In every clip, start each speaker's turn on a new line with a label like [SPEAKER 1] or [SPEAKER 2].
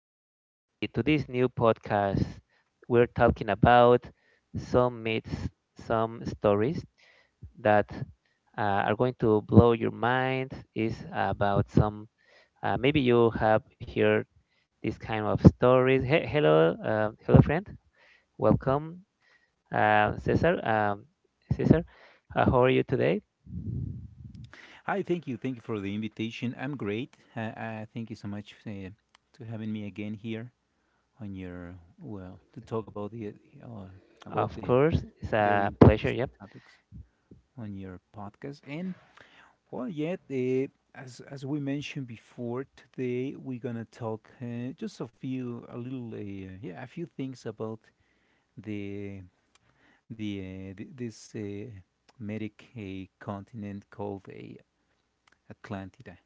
[SPEAKER 1] folks, to this new podcast. We're talking about some myths, some stories that are going to blow your mind. Is about some. Maybe you have heard this kind of stories. Hello, friend. Welcome, Cesar. Cesar, how are you today?
[SPEAKER 2] Hi, thank you. Thank you for the invitation. I'm great. Thank you so much for, to having me again here on your well to talk uh, about
[SPEAKER 1] Of
[SPEAKER 2] the
[SPEAKER 1] course, it's
[SPEAKER 2] very
[SPEAKER 1] a pleasure. Yep.
[SPEAKER 2] interesting topics on your podcast. And well, yet as we mentioned before, today we're gonna talk just a few a little yeah a few things about the the, th- this medic continent called Atlantis.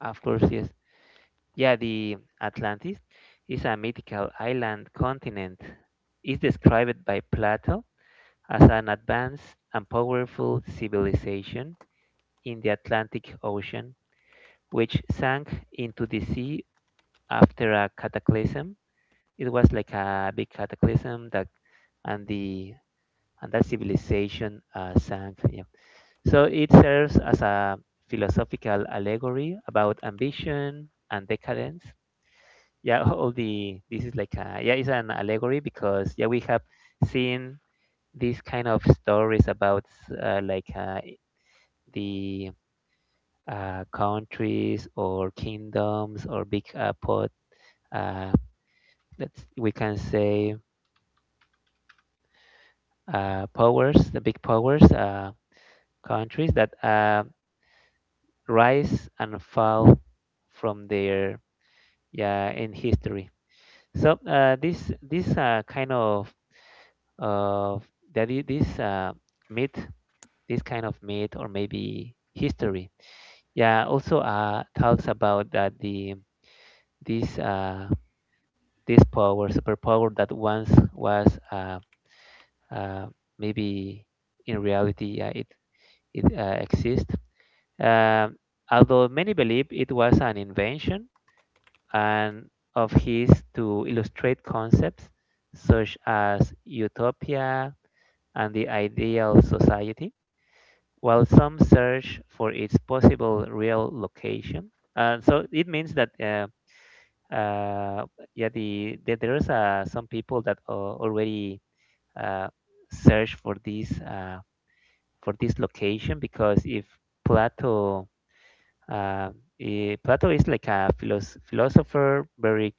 [SPEAKER 1] Of course, yes. Yeah, the Atlantis is a mythical island continent. It's described by Plato as an advanced and powerful civilization in the Atlantic Ocean, which sank into the sea after a cataclysm. It was like a big cataclysm that, and the and that civilization sank. Yeah. So it serves as a philosophical allegory about ambition and decadence. Yeah, all the this is like a yeah, it's an allegory because yeah, we have seen these kind of stories about like the countries or kingdoms or big pot. Uh, let's We can say powers, the big powers, countries that rise and fall from their, yeah, in history. So this kind of that, this myth, this kind of myth, or maybe history, yeah, also talks about that the this this power, superpower, that once was uh, maybe in reality it exists. Um Although many believe it was an invention, and of his, to illustrate concepts such as utopia and the ideal society, while some search for its possible real location. So it means that uh, yeah, there's some people that already uh, search for this, for this location, because if Plato, uh, Plato is like a philosopher, very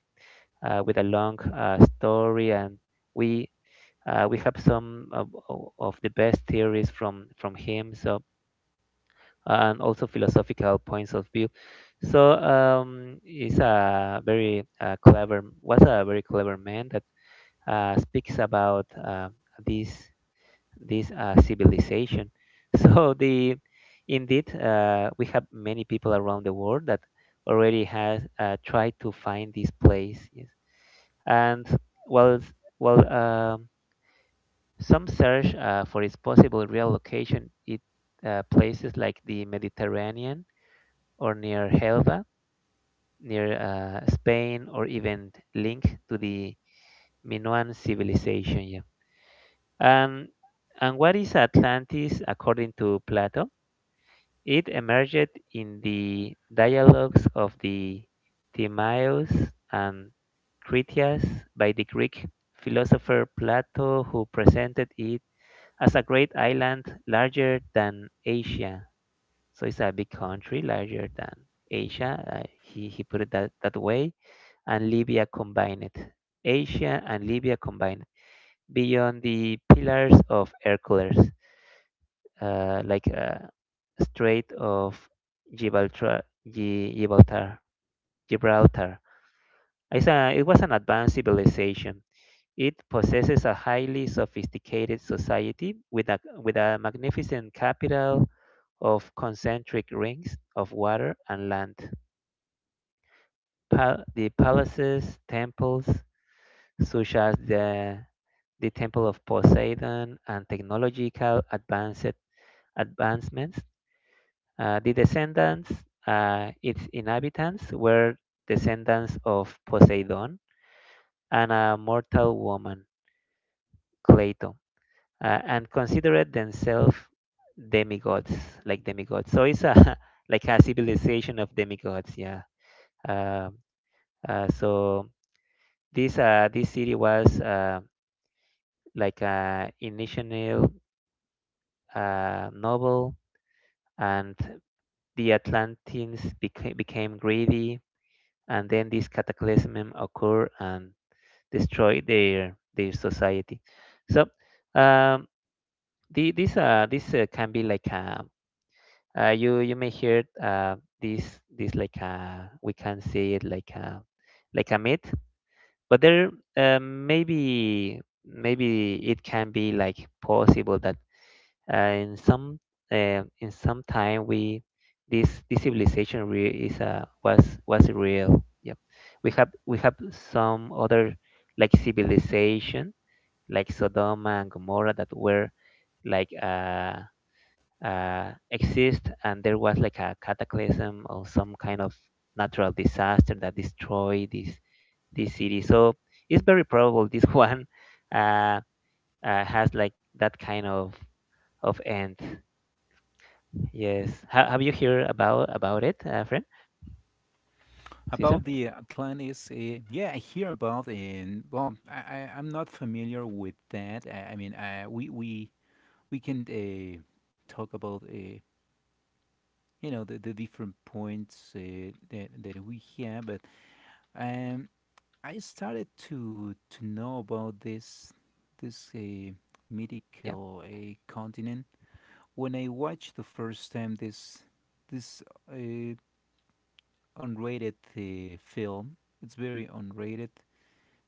[SPEAKER 1] with a long story, and we we have some of the best theories from him. So, and also philosophical points of view. So, he's a very clever, was a very clever man that speaks about this this civilization. So the indeed, we have many people around the world that already has tried to find this place. Yes. And while while some search, for its possible real location, it places like the Mediterranean, or near Helva, near Spain, or even linked to the Minoan civilization. Yeah. And and what is Atlantis according to Plato? It emerged in the dialogues of the Timaeus and Critias by the Greek philosopher Plato, who presented it as a great island larger than Asia. So it's a big country larger than Asia. He put it that way. And Libya combined. Asia and Libya combined, beyond the pillars of Hercules, like Strait of Gibraltar. Gibraltar. Gibraltar. It was an advanced civilization. It possesses a highly sophisticated society with a magnificent capital of concentric rings of water and land. The palaces, temples, such as the Temple of Poseidon, and technological advanced advancements. Uh, the descendants, its inhabitants were descendants of Poseidon and a mortal woman, Cleito, and considered themselves demigods, like demigods. So it's a like a civilization of demigods, yeah. Um so this this city was, like a initial novel, and the Atlanteans became greedy, and then this cataclysm occur and destroy their society. So, um, this this can be like a, you may hear this like a, we can say it like a, like a myth, but there maybe it can be like possible that uh, in some in some time, we this civilization re- is was real. Yep. We have some other like civilization, like Sodom and Gomorrah, that were like uh, exist, and there was like a cataclysm or some kind of natural disaster that destroyed this city. So it's very probable this one uh, has like that kind of end. Yes. Have you heard about it, friend?
[SPEAKER 2] About
[SPEAKER 1] Caesar?
[SPEAKER 2] the Atlantis, yeah, I hear about it. Well, I I'm not familiar with that. I mean, I, we can talk about you know the different points that that we have, but um, I started to know about this
[SPEAKER 1] Yeah,
[SPEAKER 2] mythical continent when I watched the first time this uh, unrated film. It's very unrated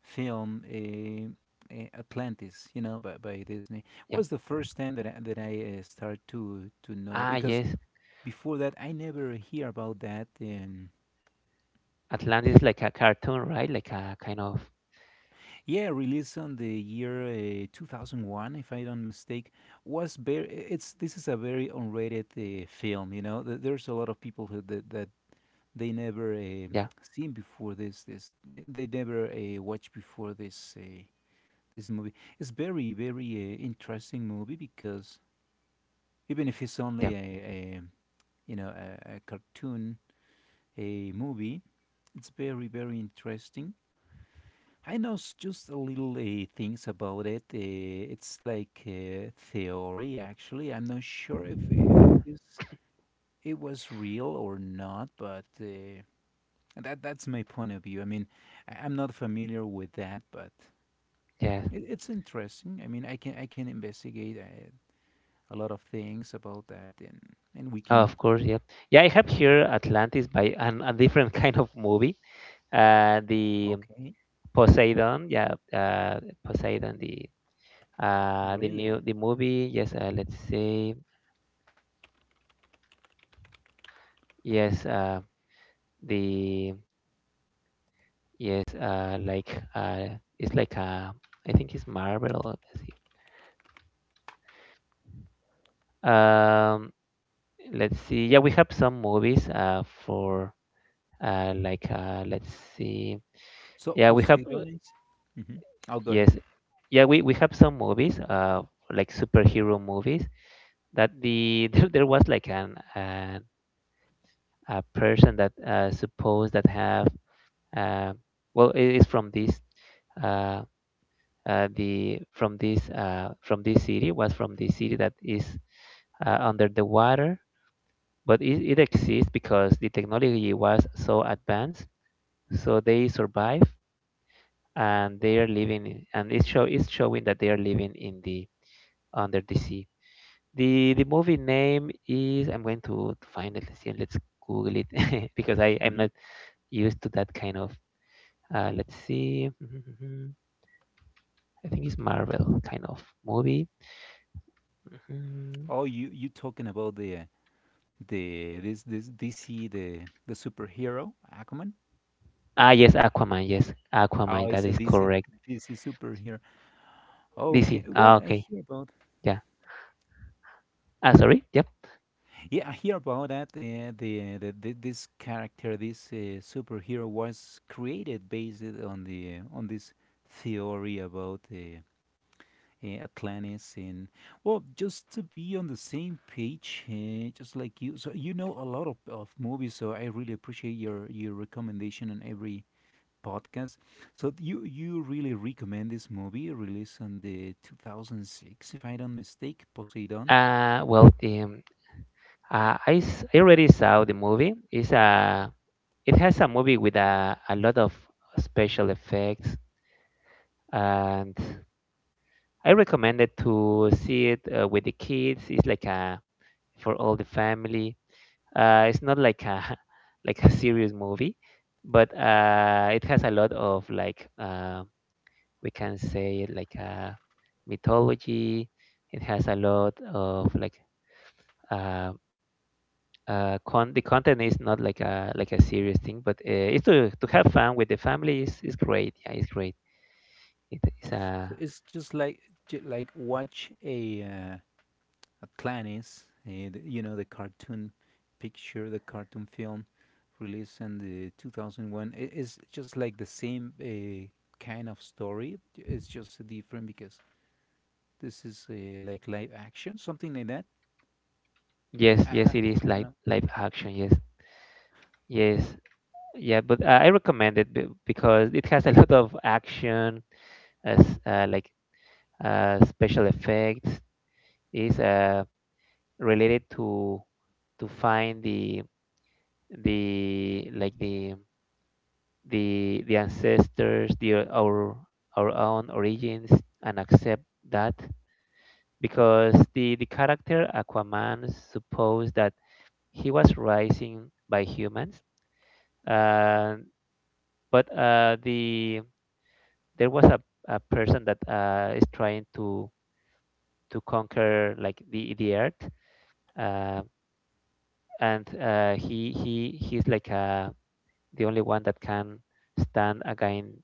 [SPEAKER 2] film, Atlantis, you know, by Disney.
[SPEAKER 1] yeah.
[SPEAKER 2] Was the first time that I start to know
[SPEAKER 1] Ah,
[SPEAKER 2] because
[SPEAKER 1] yes.
[SPEAKER 2] before that I never hear about that.
[SPEAKER 1] Atlantis is like a cartoon, right? Like a kind of,
[SPEAKER 2] Yeah, released on the year 2001, if I don't mistake. Was very it's this is a very unrated film. You know, there's a lot of people who that, that they never.
[SPEAKER 1] yeah,
[SPEAKER 2] Seen before this they never watched before this movie. It's very very interesting movie because even if it's
[SPEAKER 1] yeah,
[SPEAKER 2] only a you know a cartoon, a movie. It's very very interesting. I know just a little things about it. It's like theory, actually. I'm not sure if it's, it was real or not, but that that's my point of view. I mean, I'm not familiar with that, but
[SPEAKER 1] yeah.
[SPEAKER 2] it, it's interesting. I mean, I can investigate a lot of things about that, and we
[SPEAKER 1] Oh,
[SPEAKER 2] can.
[SPEAKER 1] of course, yeah. Yeah, I have here Atlantis by a different kind of movie. The
[SPEAKER 2] Okay,
[SPEAKER 1] Poseidon, yeah, Poseidon, the new
[SPEAKER 2] really?
[SPEAKER 1] the movie. Yes, let's see. Yes, the yes, it's like, I think it's Marvel. Let's see. Um, let's see. Yeah, we have some movies. For like Let's see.
[SPEAKER 2] So
[SPEAKER 1] Yeah, we have,
[SPEAKER 2] Posidonis. Mhm. I'll go ahead.
[SPEAKER 1] yes, yeah, we have some movies. Like superhero movies. That the there was like an, a person that suppose that have, uh, well it is from this uh, the from this, from this city, was from the city that is under the water. But it exists because the technology was so advanced, so they survive, and they are living in, and it's showing that they are living in the, under the sea. The movie name is, I'm going to find it, let's see, let's google it, because I'm not
[SPEAKER 2] Mhm.
[SPEAKER 1] used to that kind of. Let's see. I think it's Marvel kind of movie. Mhm.
[SPEAKER 2] Oh, you talking about the this this DC the superhero Aquaman?
[SPEAKER 1] Ah, yes, Aquaman. Yes, Aquaman.
[SPEAKER 2] Oh,
[SPEAKER 1] That
[SPEAKER 2] it's a
[SPEAKER 1] is
[SPEAKER 2] DC
[SPEAKER 1] correct.
[SPEAKER 2] DC superhero.
[SPEAKER 1] DC.
[SPEAKER 2] Okay, well
[SPEAKER 1] Ah,
[SPEAKER 2] I
[SPEAKER 1] okay.
[SPEAKER 2] hear about
[SPEAKER 1] Yeah. Ah, sorry. Yep.
[SPEAKER 2] yeah I hear about that. The the this character this superhero was created based on the on this theory about Atlantis and well, just to be on the same page, just like you. So you know a lot of movies, so I really appreciate your recommendation on every podcast. So you really recommend this movie released on the 2006, if I don't mistake, Poseidon.
[SPEAKER 1] Well, I already saw the movie. It has a movie with a lot of special effects, and I recommend it to see it, with the kids. It's like a, for all the family. It's not like a like a serious movie, but it has a lot of, we can say, like, mythology. It has a lot of, like, uh, the content is not like a, like a serious thing, but it's to have fun with the family, is great. Yeah, it's great. It is
[SPEAKER 2] So
[SPEAKER 1] a,
[SPEAKER 2] it's just like like watch a Atlantis, the, you know, the cartoon picture, the cartoon film released in the 2001. I- It's just like the same kind of story. It's just different because this is like live action, something like that.
[SPEAKER 1] yes,
[SPEAKER 2] I, I,
[SPEAKER 1] yes, it is
[SPEAKER 2] I don't
[SPEAKER 1] live
[SPEAKER 2] know.
[SPEAKER 1] live action. Yes, yes, yeah. But I recommend it, because it has a lot of action, as, like, special effects, is, related to find the, like the, the ancestors, the our, own origins, and accept that, because the character Aquaman supposed that he was rising by humans, uh, but, there was a person that is trying to conquer, like, the earth. um, and he's like, the only one that can stand against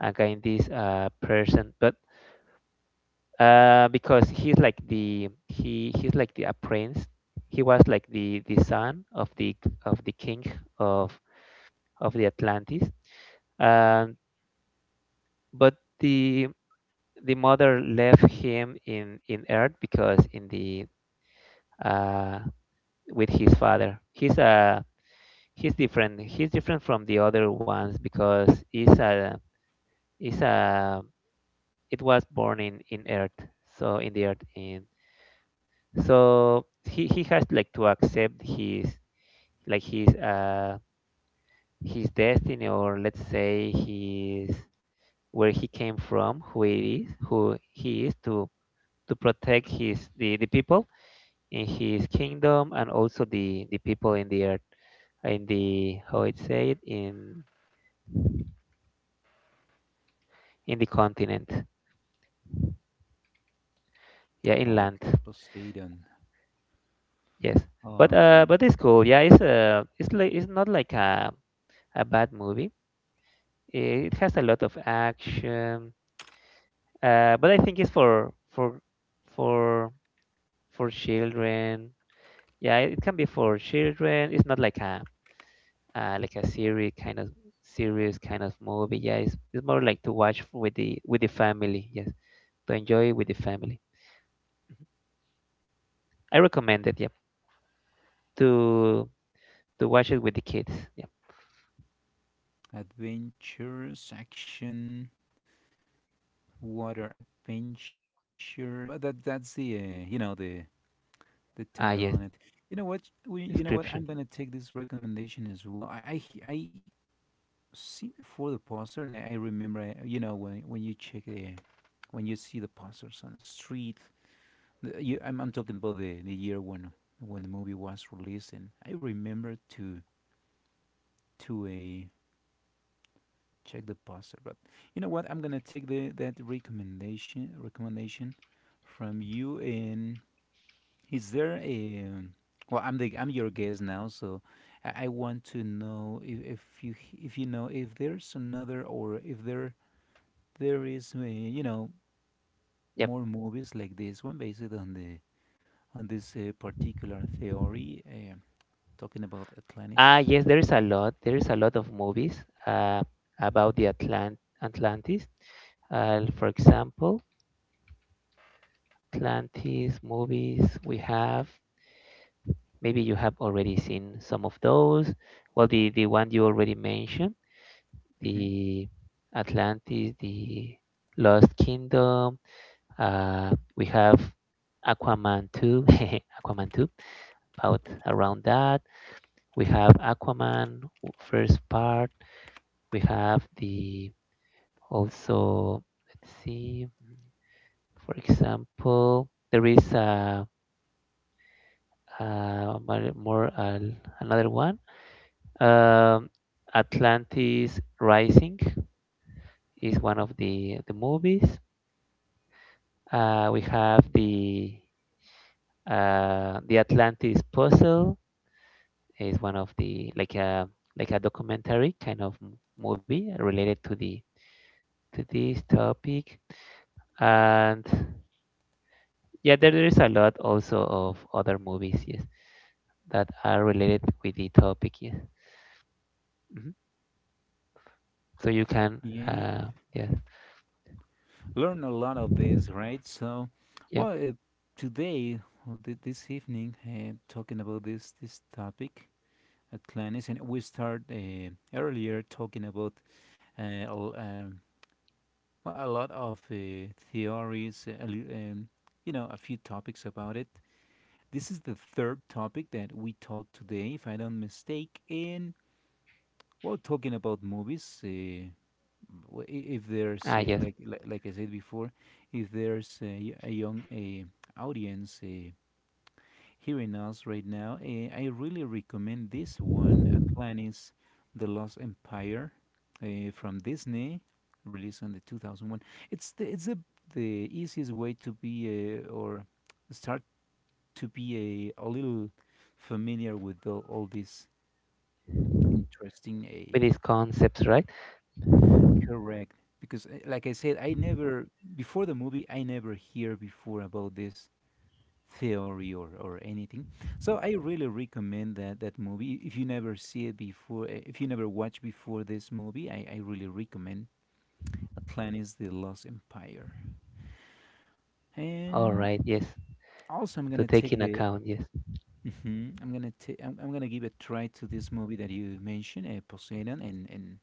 [SPEAKER 1] against this person. But because he's like the a prince. He was like the son of the king of of the Atlantis. Um, but the mother left him in Earth, because in the uh, with his father. He's different. He's different from the other ones because he's a it was born in Earth, so in the Earth, in, so he has, like, to accept his, like his, his destiny, or let's say, his, where he came from, who it is, who he is, to protect his, the people in his kingdom, and also the people in the earth, in the, how it say it, in, the continent, yeah, inland.
[SPEAKER 2] Okay, Poseidon.
[SPEAKER 1] Yes,
[SPEAKER 2] All
[SPEAKER 1] but uh,
[SPEAKER 2] right.
[SPEAKER 1] but it's cool. Yeah, it's like, it's not like a bad movie. It has a lot of action, but I think it's for for children. Yeah, it can be for children. It's not like a, like a serious kind of movie. Yeah, it's more like to watch with the family. Yes, to enjoy with the family. I recommend it. Yeah, to to watch it with the kids. Yeah.
[SPEAKER 2] Adventures, action, water adventures. Well, that that's the you know the
[SPEAKER 1] Ah,
[SPEAKER 2] title
[SPEAKER 1] yes,
[SPEAKER 2] on it. You know what? We, you know what?
[SPEAKER 1] description.
[SPEAKER 2] I'm gonna take this recommendation as well. I see before the poster, and I remember. You know when you check when you see the posters on the street. I'm talking about the year when the movie was released, and I remember to a check the poster. But you know what? I'm gonna take the that recommendation from you and is there a well? I'm your guest now, so I want to know if, if you know if there's another or if there there is you know
[SPEAKER 1] Yep.
[SPEAKER 2] more movies like this one based on the on this particular theory talking about
[SPEAKER 1] Ah,
[SPEAKER 2] Atlantis.
[SPEAKER 1] yes, there is a lot. There is a lot of movies about the Atlantis. For example, Atlantis movies we have. Maybe you have already seen some of those. Well, the one you already mentioned,
[SPEAKER 2] Hmm.
[SPEAKER 1] the Atlantis, the Lost Kingdom. We have Aquaman 2, Aquaman 2, about, around that. We have Aquaman, first part. We have the. Also, let's see. For example, there is a another one. Um, Atlantis Rising is one of the movies. We have the Atlantis Puzzle, is one of the, like a, like a documentary kind of movie related to the, to this topic. And yeah, there is a lot also of other movies. Yes, that are related with the topic. Yes. Mhm. So you can,
[SPEAKER 2] Yeah,
[SPEAKER 1] yes,
[SPEAKER 2] learn a lot of this, right? So,
[SPEAKER 1] yeah,
[SPEAKER 2] well, today or this evening, talking about this topic. Atlantis, and we start earlier talking about uh, l- um, well, a lot of theories, you know, a few topics about it. This is the third topic that we taught today, if I don't mistake, in well, talking about movies. If there's
[SPEAKER 1] ah, yes,
[SPEAKER 2] like, like I said before, if there's a, a young audience. Hearing us right now, I really recommend this one, Atlantis, The Lost Empire, from Disney, released on the 2001. It's the easiest way to be or start to be a little familiar with the all this interesting
[SPEAKER 1] with these concepts, right?
[SPEAKER 2] correct because like I said, I never before the movie I never hear before about this theory or anything. So I really recommend that that movie. If you never see it before, if you never watch before this movie, I really recommend Atlantis: The Lost Empire.
[SPEAKER 1] All
[SPEAKER 2] And
[SPEAKER 1] right, yes,
[SPEAKER 2] also, I'm
[SPEAKER 1] to
[SPEAKER 2] gonna
[SPEAKER 1] take
[SPEAKER 2] take
[SPEAKER 1] in
[SPEAKER 2] the
[SPEAKER 1] account, yes,
[SPEAKER 2] Mhm. I'm gonna give a try to this movie that you mentioned, Poseidon,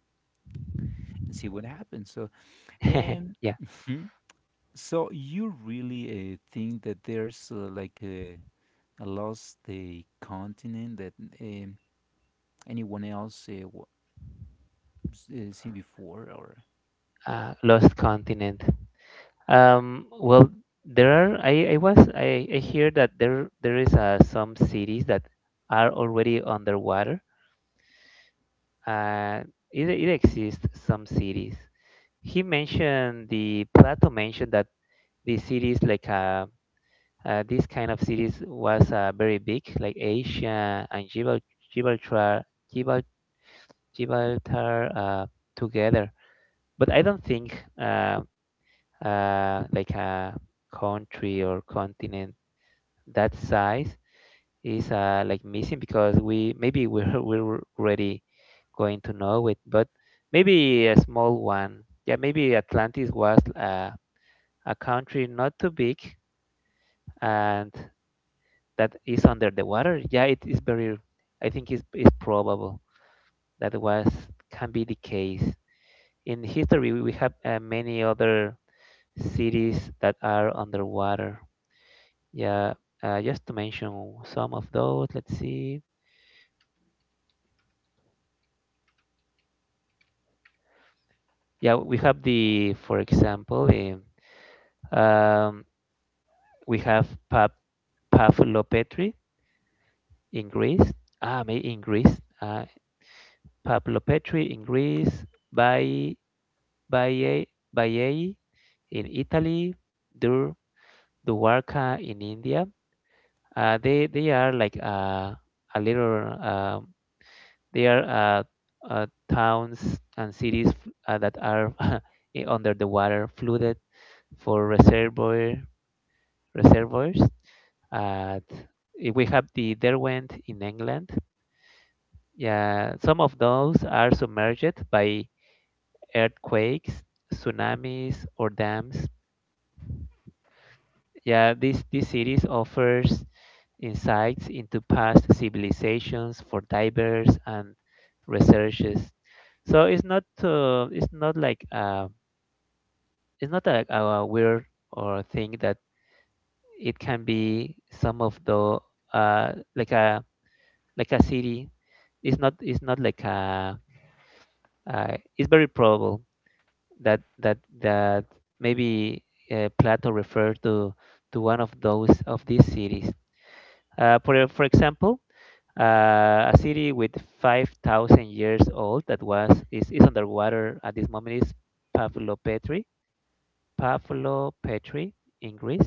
[SPEAKER 2] and see what happens. So and
[SPEAKER 1] yeah,
[SPEAKER 2] Mhm. So you really think that there's like a lost continent that um, anyone else seen before or
[SPEAKER 1] lost continent. Well, there are. I was. I hear that there is some cities that are already underwater. Uh, it exists some cities. He mentioned the Plato mentioned that the cities like this kind of cities was very big, like Asia and Gibraltar, Gibral- Gibraltar together. But I don't think like a country or continent that size is like missing because we maybe we're we're already going to know it, but maybe a small one. Yeah, maybe Atlantis was a country not too big and that is under the water. Yeah, it is very, I think it's probable that was can be the case. In history, we have many other cities that are underwater. Yeah, just to mention some of those, let's see. Yeah, we have for example, um, we have Paphlopetri in Greece. Ah, in Greece. Paphlopetri in Greece, by Baie Baiae in Italy, Dur Dwarka in India. They are like a little they are towns and cities that are under the water, flooded for reservoirs. Uh, we have the Derwent in England. Yeah, some of those are submerged by earthquakes, tsunamis, or dams. Yeah, this series offers insights into past civilizations for divers and researchers. So it's not it's not like a weird or thing that it can be some of the uh, like a like a city. It's not, it's not like a it's very probable that maybe Plato referred to one of those of these cities. For example, a city with 5,000 years old that was is underwater at this moment is Pavlopetri. Pavlopetri in Greece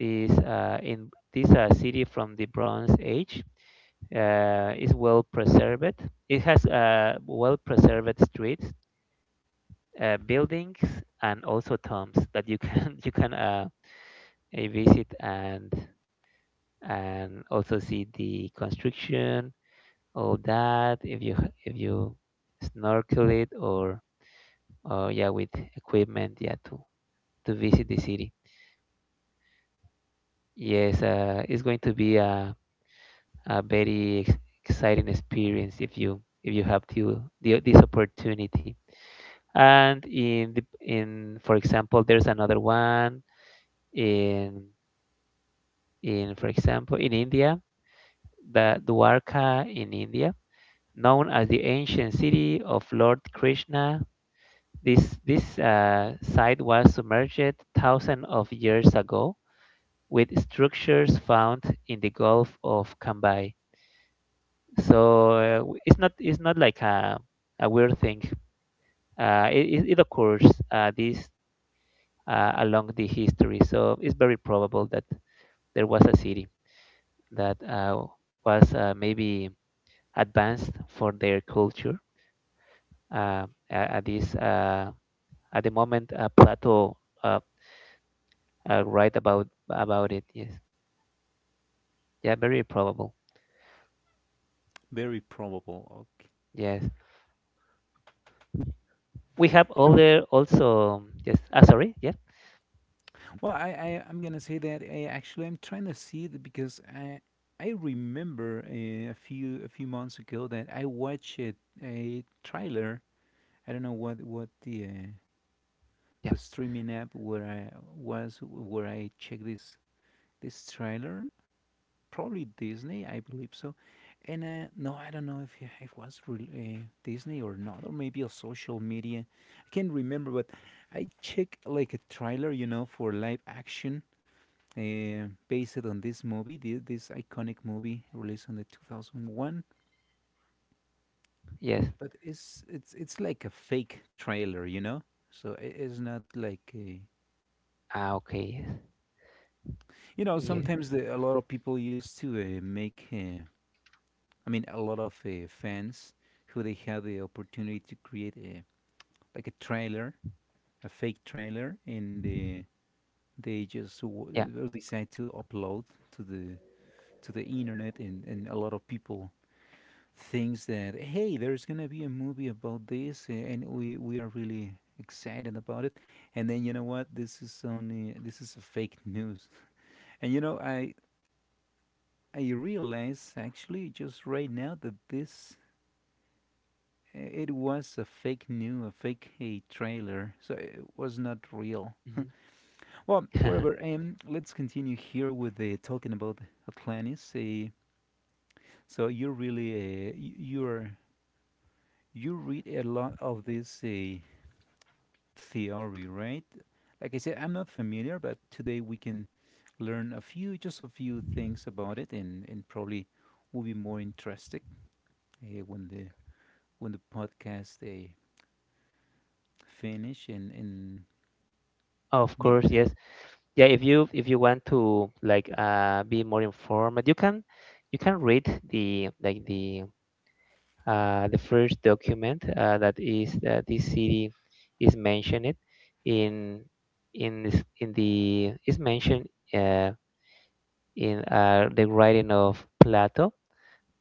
[SPEAKER 1] is in this city from the Bronze Age. Is well preserved. It has well preserved streets, buildings, and also tombs that you can you can visit and also see the construction, all that, if you if you snorkel it or, yeah, with equipment, yeah, to visit the city. Yes, it's going to be a very exciting experience if you have to this opportunity. And in the, in for example, there's another one in in for example in India, the Dwarka in India, known as the ancient city of Lord Krishna. This site was submerged thousands of years ago with structures found in the Gulf of Cambay. So it's not, a weird thing. It occurs this along the history. So it's very probable that there was a city that was maybe advanced for their culture at this at the moment Plato uh, write about it. Yes. Yeah, very probable.
[SPEAKER 2] very probable. Okay.
[SPEAKER 1] Yes. We have
[SPEAKER 2] You know,
[SPEAKER 1] other also, yes. Ah, sorry. Yeah.
[SPEAKER 2] well I, I'm gonna say that I actually I'm trying to see it because I remember a few months ago that I watched a trailer. I don't know what
[SPEAKER 1] Yep.
[SPEAKER 2] the streaming app where I was where I checked this trailer, probably Disney I believe so. And no, I don't know if it was Disney or not, or maybe a social media. I can't remember, but I checked like a trailer, you know, for live action based on this movie, this iconic movie released in the 2001.
[SPEAKER 1] Yes.
[SPEAKER 2] But it's it's like a fake trailer, you know. So it is not like
[SPEAKER 1] Ah, okay.
[SPEAKER 2] you know.
[SPEAKER 1] Yes. Yes.
[SPEAKER 2] Sometimes the, a lot of people used to make. I mean, a lot of fans who they had the opportunity to create a like a trailer a fake trailer, and they just
[SPEAKER 1] Yeah.
[SPEAKER 2] decide to upload to the to the internet, and a lot of people thinks that hey, there's gonna be a movie about this, and we are really excited about it. And then you know what? This is only this is a fake news, and you know I realize actually just right now that this. It was a fake news, a fake a trailer, so it was not real.
[SPEAKER 1] Hmm.
[SPEAKER 2] Well, whatever. Let's continue here with the talking about Atlantis. So you really you're you read a lot of this theory, right? Like I said, I'm not familiar, but today we can learn a few, just a few things about it, and probably will be more interested uh, when the when the podcast finish and
[SPEAKER 1] Of
[SPEAKER 2] yeah.
[SPEAKER 1] course. Yes. Yeah. If you want to like be more informed, you can read the like the the first document that is this city is mentioned in in this, in the is mentioned uh, in the writing of Plato.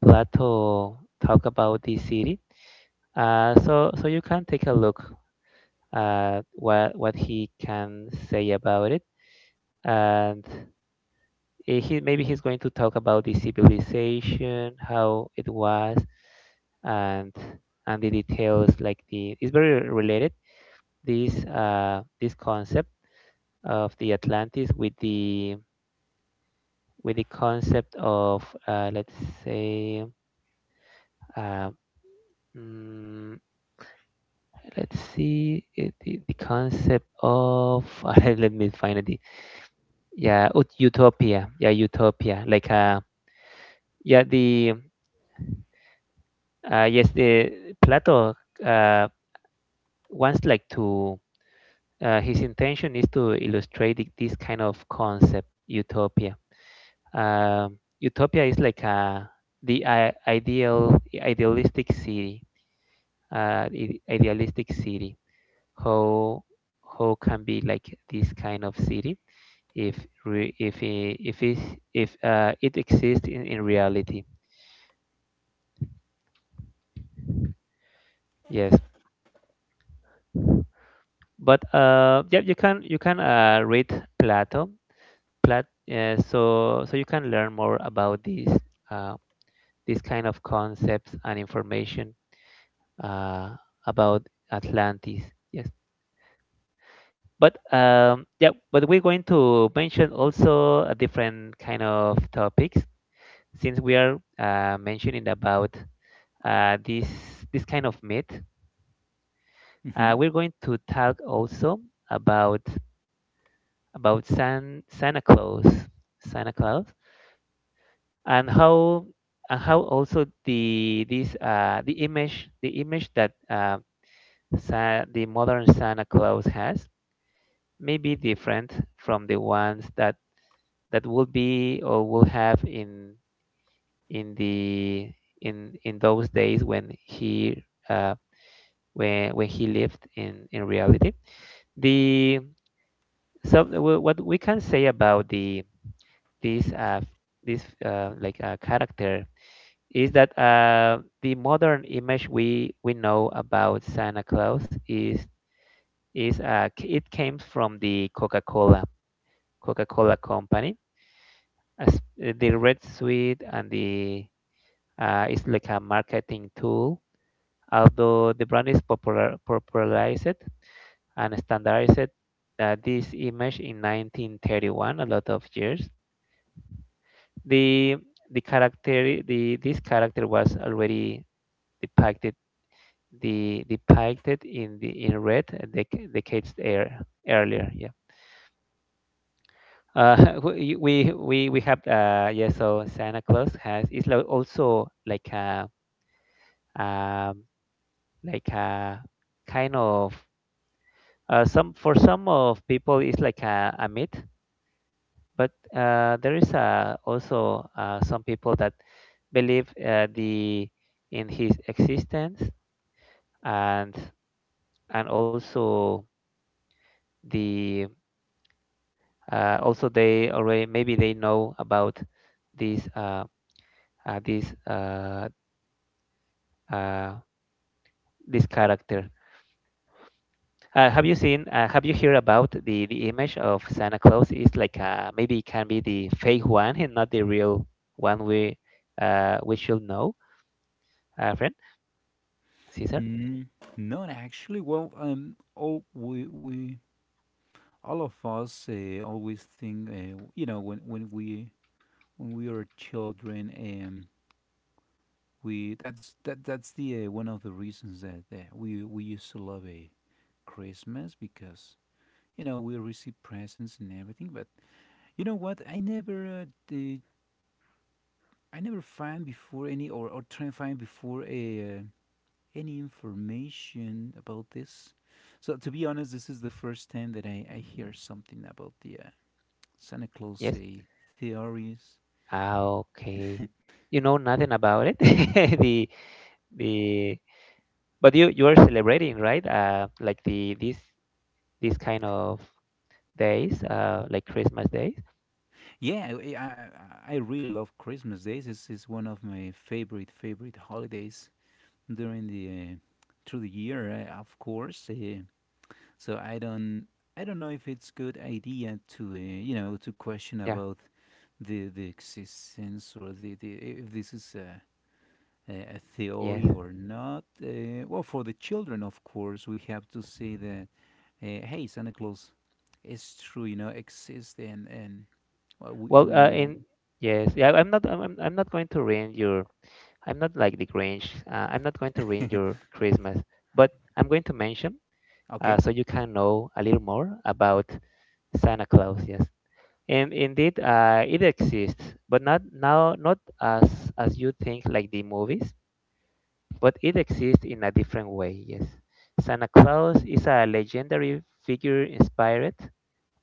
[SPEAKER 1] Plato talk about this city. So you can take a look at what he can say about it and. He, maybe he's going to talk about the civilization, how it was, and the details, like the, it's very related, this this concept of the Atlantis with the concept of, let's say, uh, mm, let's see it, the concept of let me find it, yeah, utopia, yeah, utopia, like yeah the yes, the Plato uh, wants like to his intention is to illustrate this kind of concept, utopia. Utopia is like a the I ideal idealistic city, idealistic city. How how can be like this kind of city if if it, if it exists in reality? Yes, but yeah, you can read Plato, Plat, so so you can learn more about uh, these kind of concepts and information uh, about Atlantis. Yes, but yeah, but we're going to mention also a different kind of topics since we are mentioning about this kind of myth.
[SPEAKER 2] Mm-hmm.
[SPEAKER 1] We're going to talk also about Santa Claus, Santa Claus, and how also the, this the image, the image that, the modern Santa Claus has, may be different from the ones that would be, or would have, in the in those days uh, when he lived in reality. The what we can say about the this like character is that the modern image we know about Santa Claus is it came from the Coca-Cola company as the Red Suite, and the it's like a marketing tool. Although the brand is popularized and standardized this image in 1931, a lot of years. The the character, the this character was already depicted depicted in the in red, decades earlier. Yeah. We have yeah, so Santa Claus has is like also um, like a kind of some, for some of people, it's like a myth, but there is also some people that believe the in his existence and and also the also they already, maybe they know about this uh, this uh, uh, this character. Have you seen? Have you heard about the image of Santa Claus? It's like, maybe it can be the fake one and not the real one. We should know, friend Caesar.
[SPEAKER 2] Mm, not actually. Well, all we all of us always think, you know, when we are children, we that's that that's the one of the reasons that we used to love Christmas because you know we receive presents and everything. But you know what? I never I never find before any or try and find before a any information about this. So to be honest, this is the first time that I hear something about the Santa Claus
[SPEAKER 1] Yes.
[SPEAKER 2] theories.
[SPEAKER 1] Ah, okay. You know nothing about it. the the but you are celebrating, right? Like the, this kind of days, like Christmas days.
[SPEAKER 2] Yeah, I really love Christmas days. It's one of my favorite favorite holidays during the through the year, of course. So I don't know if it's good idea to you know to question
[SPEAKER 1] Yeah.
[SPEAKER 2] about the existence or the if this is a
[SPEAKER 1] Yes.
[SPEAKER 2] theory or not. Well, for the children, of course, we have to say that hey, Santa Claus is true, you know, exists and well,
[SPEAKER 1] Well,
[SPEAKER 2] we know.
[SPEAKER 1] in yes, yeah. I'm not going to ruin your I'm not like the Grinch. I'm not going to ruin your Christmas, but I'm going to mention
[SPEAKER 2] Okay.
[SPEAKER 1] so you can know a little more about Santa Claus. Yes, and indeed, it exists, but not now, not as as you think, like the movies, but it exists in a different way. Yes, Santa Claus is a legendary figure inspired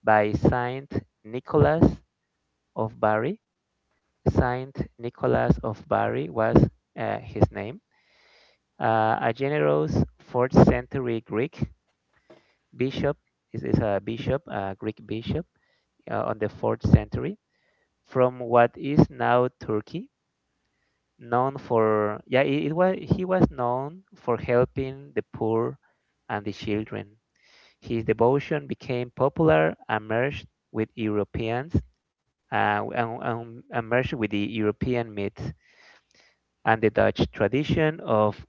[SPEAKER 1] by Saint Nicholas of Bari. Saint Nicholas of Bari was his name. A generous fourth century Greek bishop, is a bishop, a Greek bishop on the fourth century from what is now Turkey, known for, yeah, it was, he was known for helping the poor and the children. His devotion became popular and merged with Europeans and merged with the European myth and the Dutch tradition of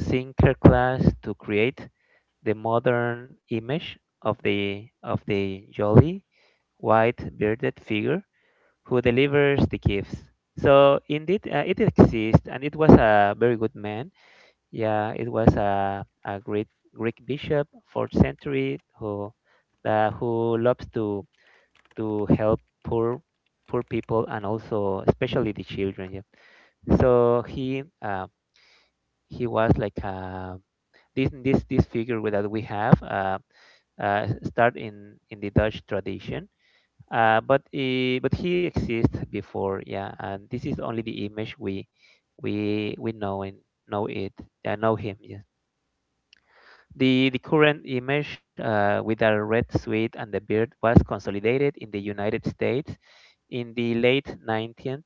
[SPEAKER 1] thinker class to create the modern image of the jolly white bearded figure who delivers the gifts. So indeed, it exists, and it was a very good man. Yeah, it was a great Greek bishop, fourth century, who loves to help poor people, and also especially the children. Yeah. So he was like a, this figure that we have. Start in the Dutch tradition. But he exists before, yeah. And this is only the image we we know and know it. I know him. Yes. The current image with a red suit and the beard was consolidated in the United States in the late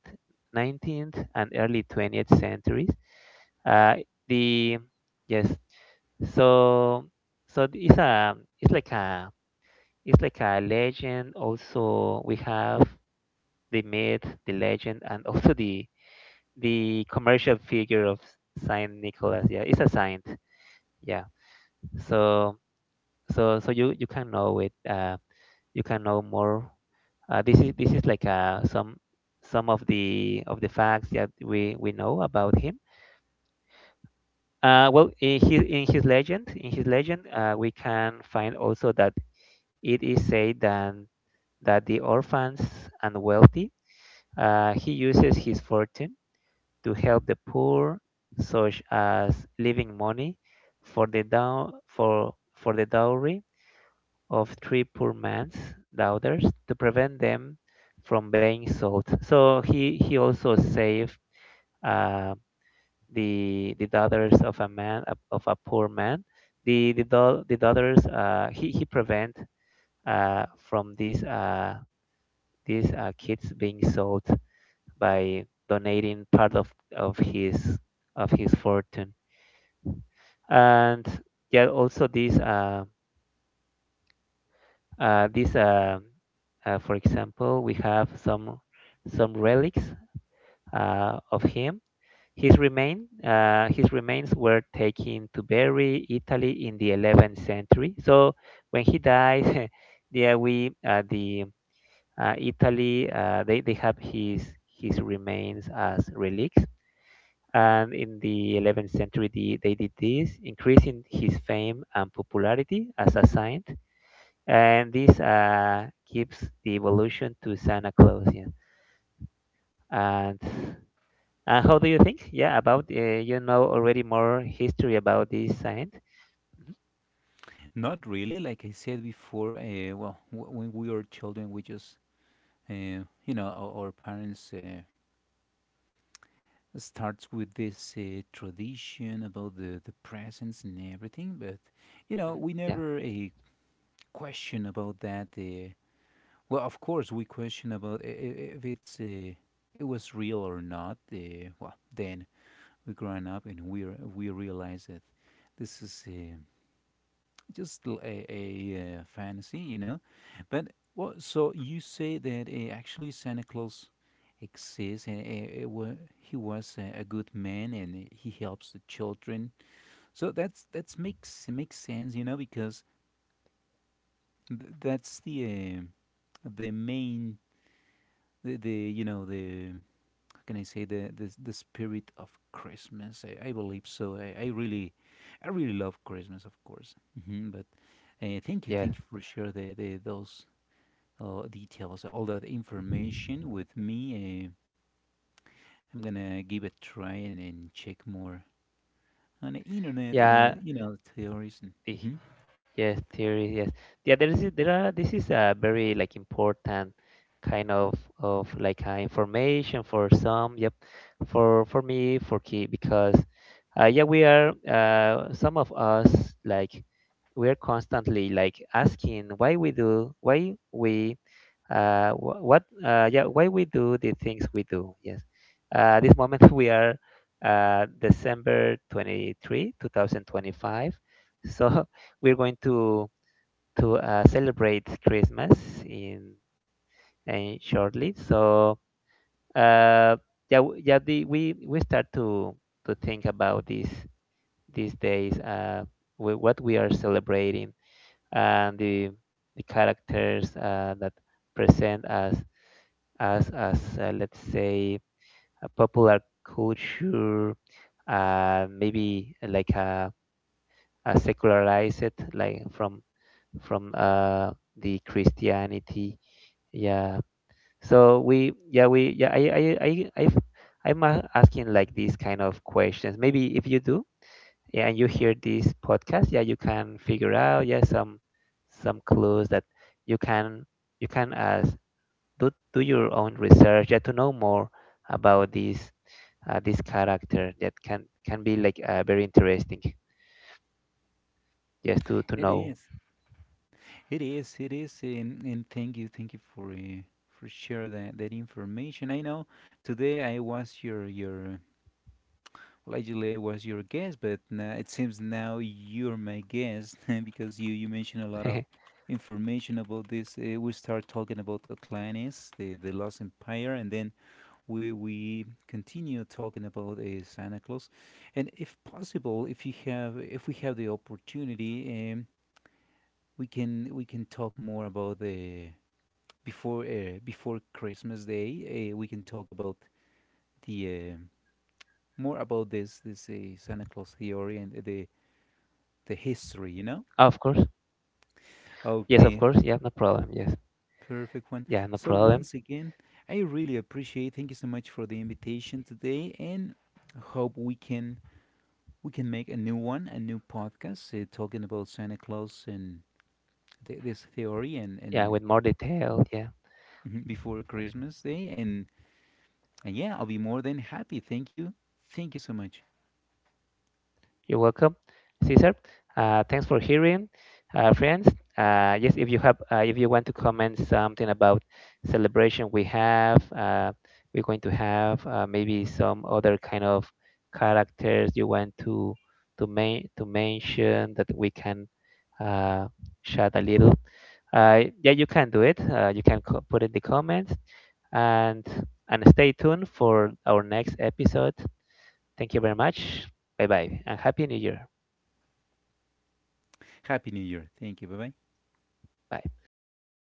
[SPEAKER 1] 19th and early 20th centuries. Uh, the Yes, so so it's a it's like a it's like a legend. Also, we have the myth, the legend, and also the commercial figure of Saint Nicholas. Yeah, it's a saint. Yeah. So you can know it. You can know more. This is, this is like some of the facts that we know about him. Well, in his in his legend, we can find also that it is said that the orphans and wealthy. He uses his fortune to help the poor, such as leaving money for the dow- for the dowry of three poor man's daughters to prevent them from being sold. So he also saved uh, the daughters of a man, of a poor man. The daughters he prevent from these kids being sold, by donating part of his fortune. And yeah, also this uh, this uh, for example, we have some relics of him. His remains were taken to Berry, Italy, in the 11th century. So when he dies, yeah, we the Italy, they have his remains as relics, and in the 11th century they did this, increasing his fame and popularity as a saint, and this gives the evolution to Santa Claus, yeah. And how do you think, yeah, about you know already more history about this saint. Mhm.
[SPEAKER 2] Not really. Like I said before, well, when we are children, we just, you know, our parents starts with this tradition about the presents and everything. But, you know,
[SPEAKER 1] Mhm.
[SPEAKER 2] we
[SPEAKER 1] Yeah.
[SPEAKER 2] never question about that. Well, of course, we question about if it's it was real or not. Well, then we growing up and we we realize that this is just a fantasy, you know. But what? So you say that actually Santa Claus exists, and he was a good man, and he helps the children. So that's makes makes sense, you know, because that's the main the you know the how can I say the spirit of Christmas. I believe so. I really love Christmas, of course. Hmm. But
[SPEAKER 1] Yeah.
[SPEAKER 2] thank you for share the those details, all that information with me. I'm gonna give it a try and check more on the internet and
[SPEAKER 1] Yeah.
[SPEAKER 2] you know theories. And,
[SPEAKER 1] The,
[SPEAKER 2] Mhm.
[SPEAKER 1] Yes, theory. Yes, yeah. There are. This is a very like important kind of like information for some. Yep, for me for key because yeah we are some of us, like, we are constantly like asking why we do, why we wh- what yeah why we do the things we do. Yes, this moment, we are December 23, 2025. So we're going to celebrate Christmas in, in shortly. So uh, yeah, yeah, we start to think about these days, what we are celebrating and the characters that present as let's say, a popular culture, maybe like a secularized, like, from the Christianity. Yeah. So we, yeah, we, yeah, I'm asking like these kind of questions. Maybe if you do, yeah, and you hear this podcast, yeah, you can figure out yeah some clues that you can ask, do your own research, yeah, to know more about this this character that can be like very interesting, just to
[SPEAKER 2] It
[SPEAKER 1] know.
[SPEAKER 2] is, it is, it is, and thank you for share that that information. I know today I was your well, actually I was your guest, but now, it seems now you're my guest because you mentioned a lot of information about this. We start talking about Atlantis, the Lost Empire, and then where we continue talking about Santa Claus, and if possible, if you have, if we have the opportunity, we can talk more about the before before Christmas Day. We can talk about the more about this this Santa Claus theory and the history. You know.
[SPEAKER 1] Of course. Yes, of
[SPEAKER 2] Okay,
[SPEAKER 1] course. Yeah, no problem. Yes.
[SPEAKER 2] perfect one.
[SPEAKER 1] Yeah, no
[SPEAKER 2] So
[SPEAKER 1] problem.
[SPEAKER 2] once again, I really appreciate. Thank you so much for the invitation today, and hope we can make a new one, a new podcast talking about Santa Claus and this theory
[SPEAKER 1] Yeah,
[SPEAKER 2] and
[SPEAKER 1] with more detail. Yeah,
[SPEAKER 2] before Christmas Day. And yeah, I'll be more than happy. Thank you. Thank you so much.
[SPEAKER 1] you're welcome, Caesar. Thanks for hearing, friends. Yes, if you have, if you want to comment something about celebration we have, we're going to have maybe some other kind of characters you want to main to mention that we can uh, chat a little. Yeah, you can do it. You can put in the comments, and stay tuned for our next episode. Thank you very much. Bye bye, and Happy New Year.
[SPEAKER 2] Happy New Year. Thank you. Bye bye.
[SPEAKER 1] Bye.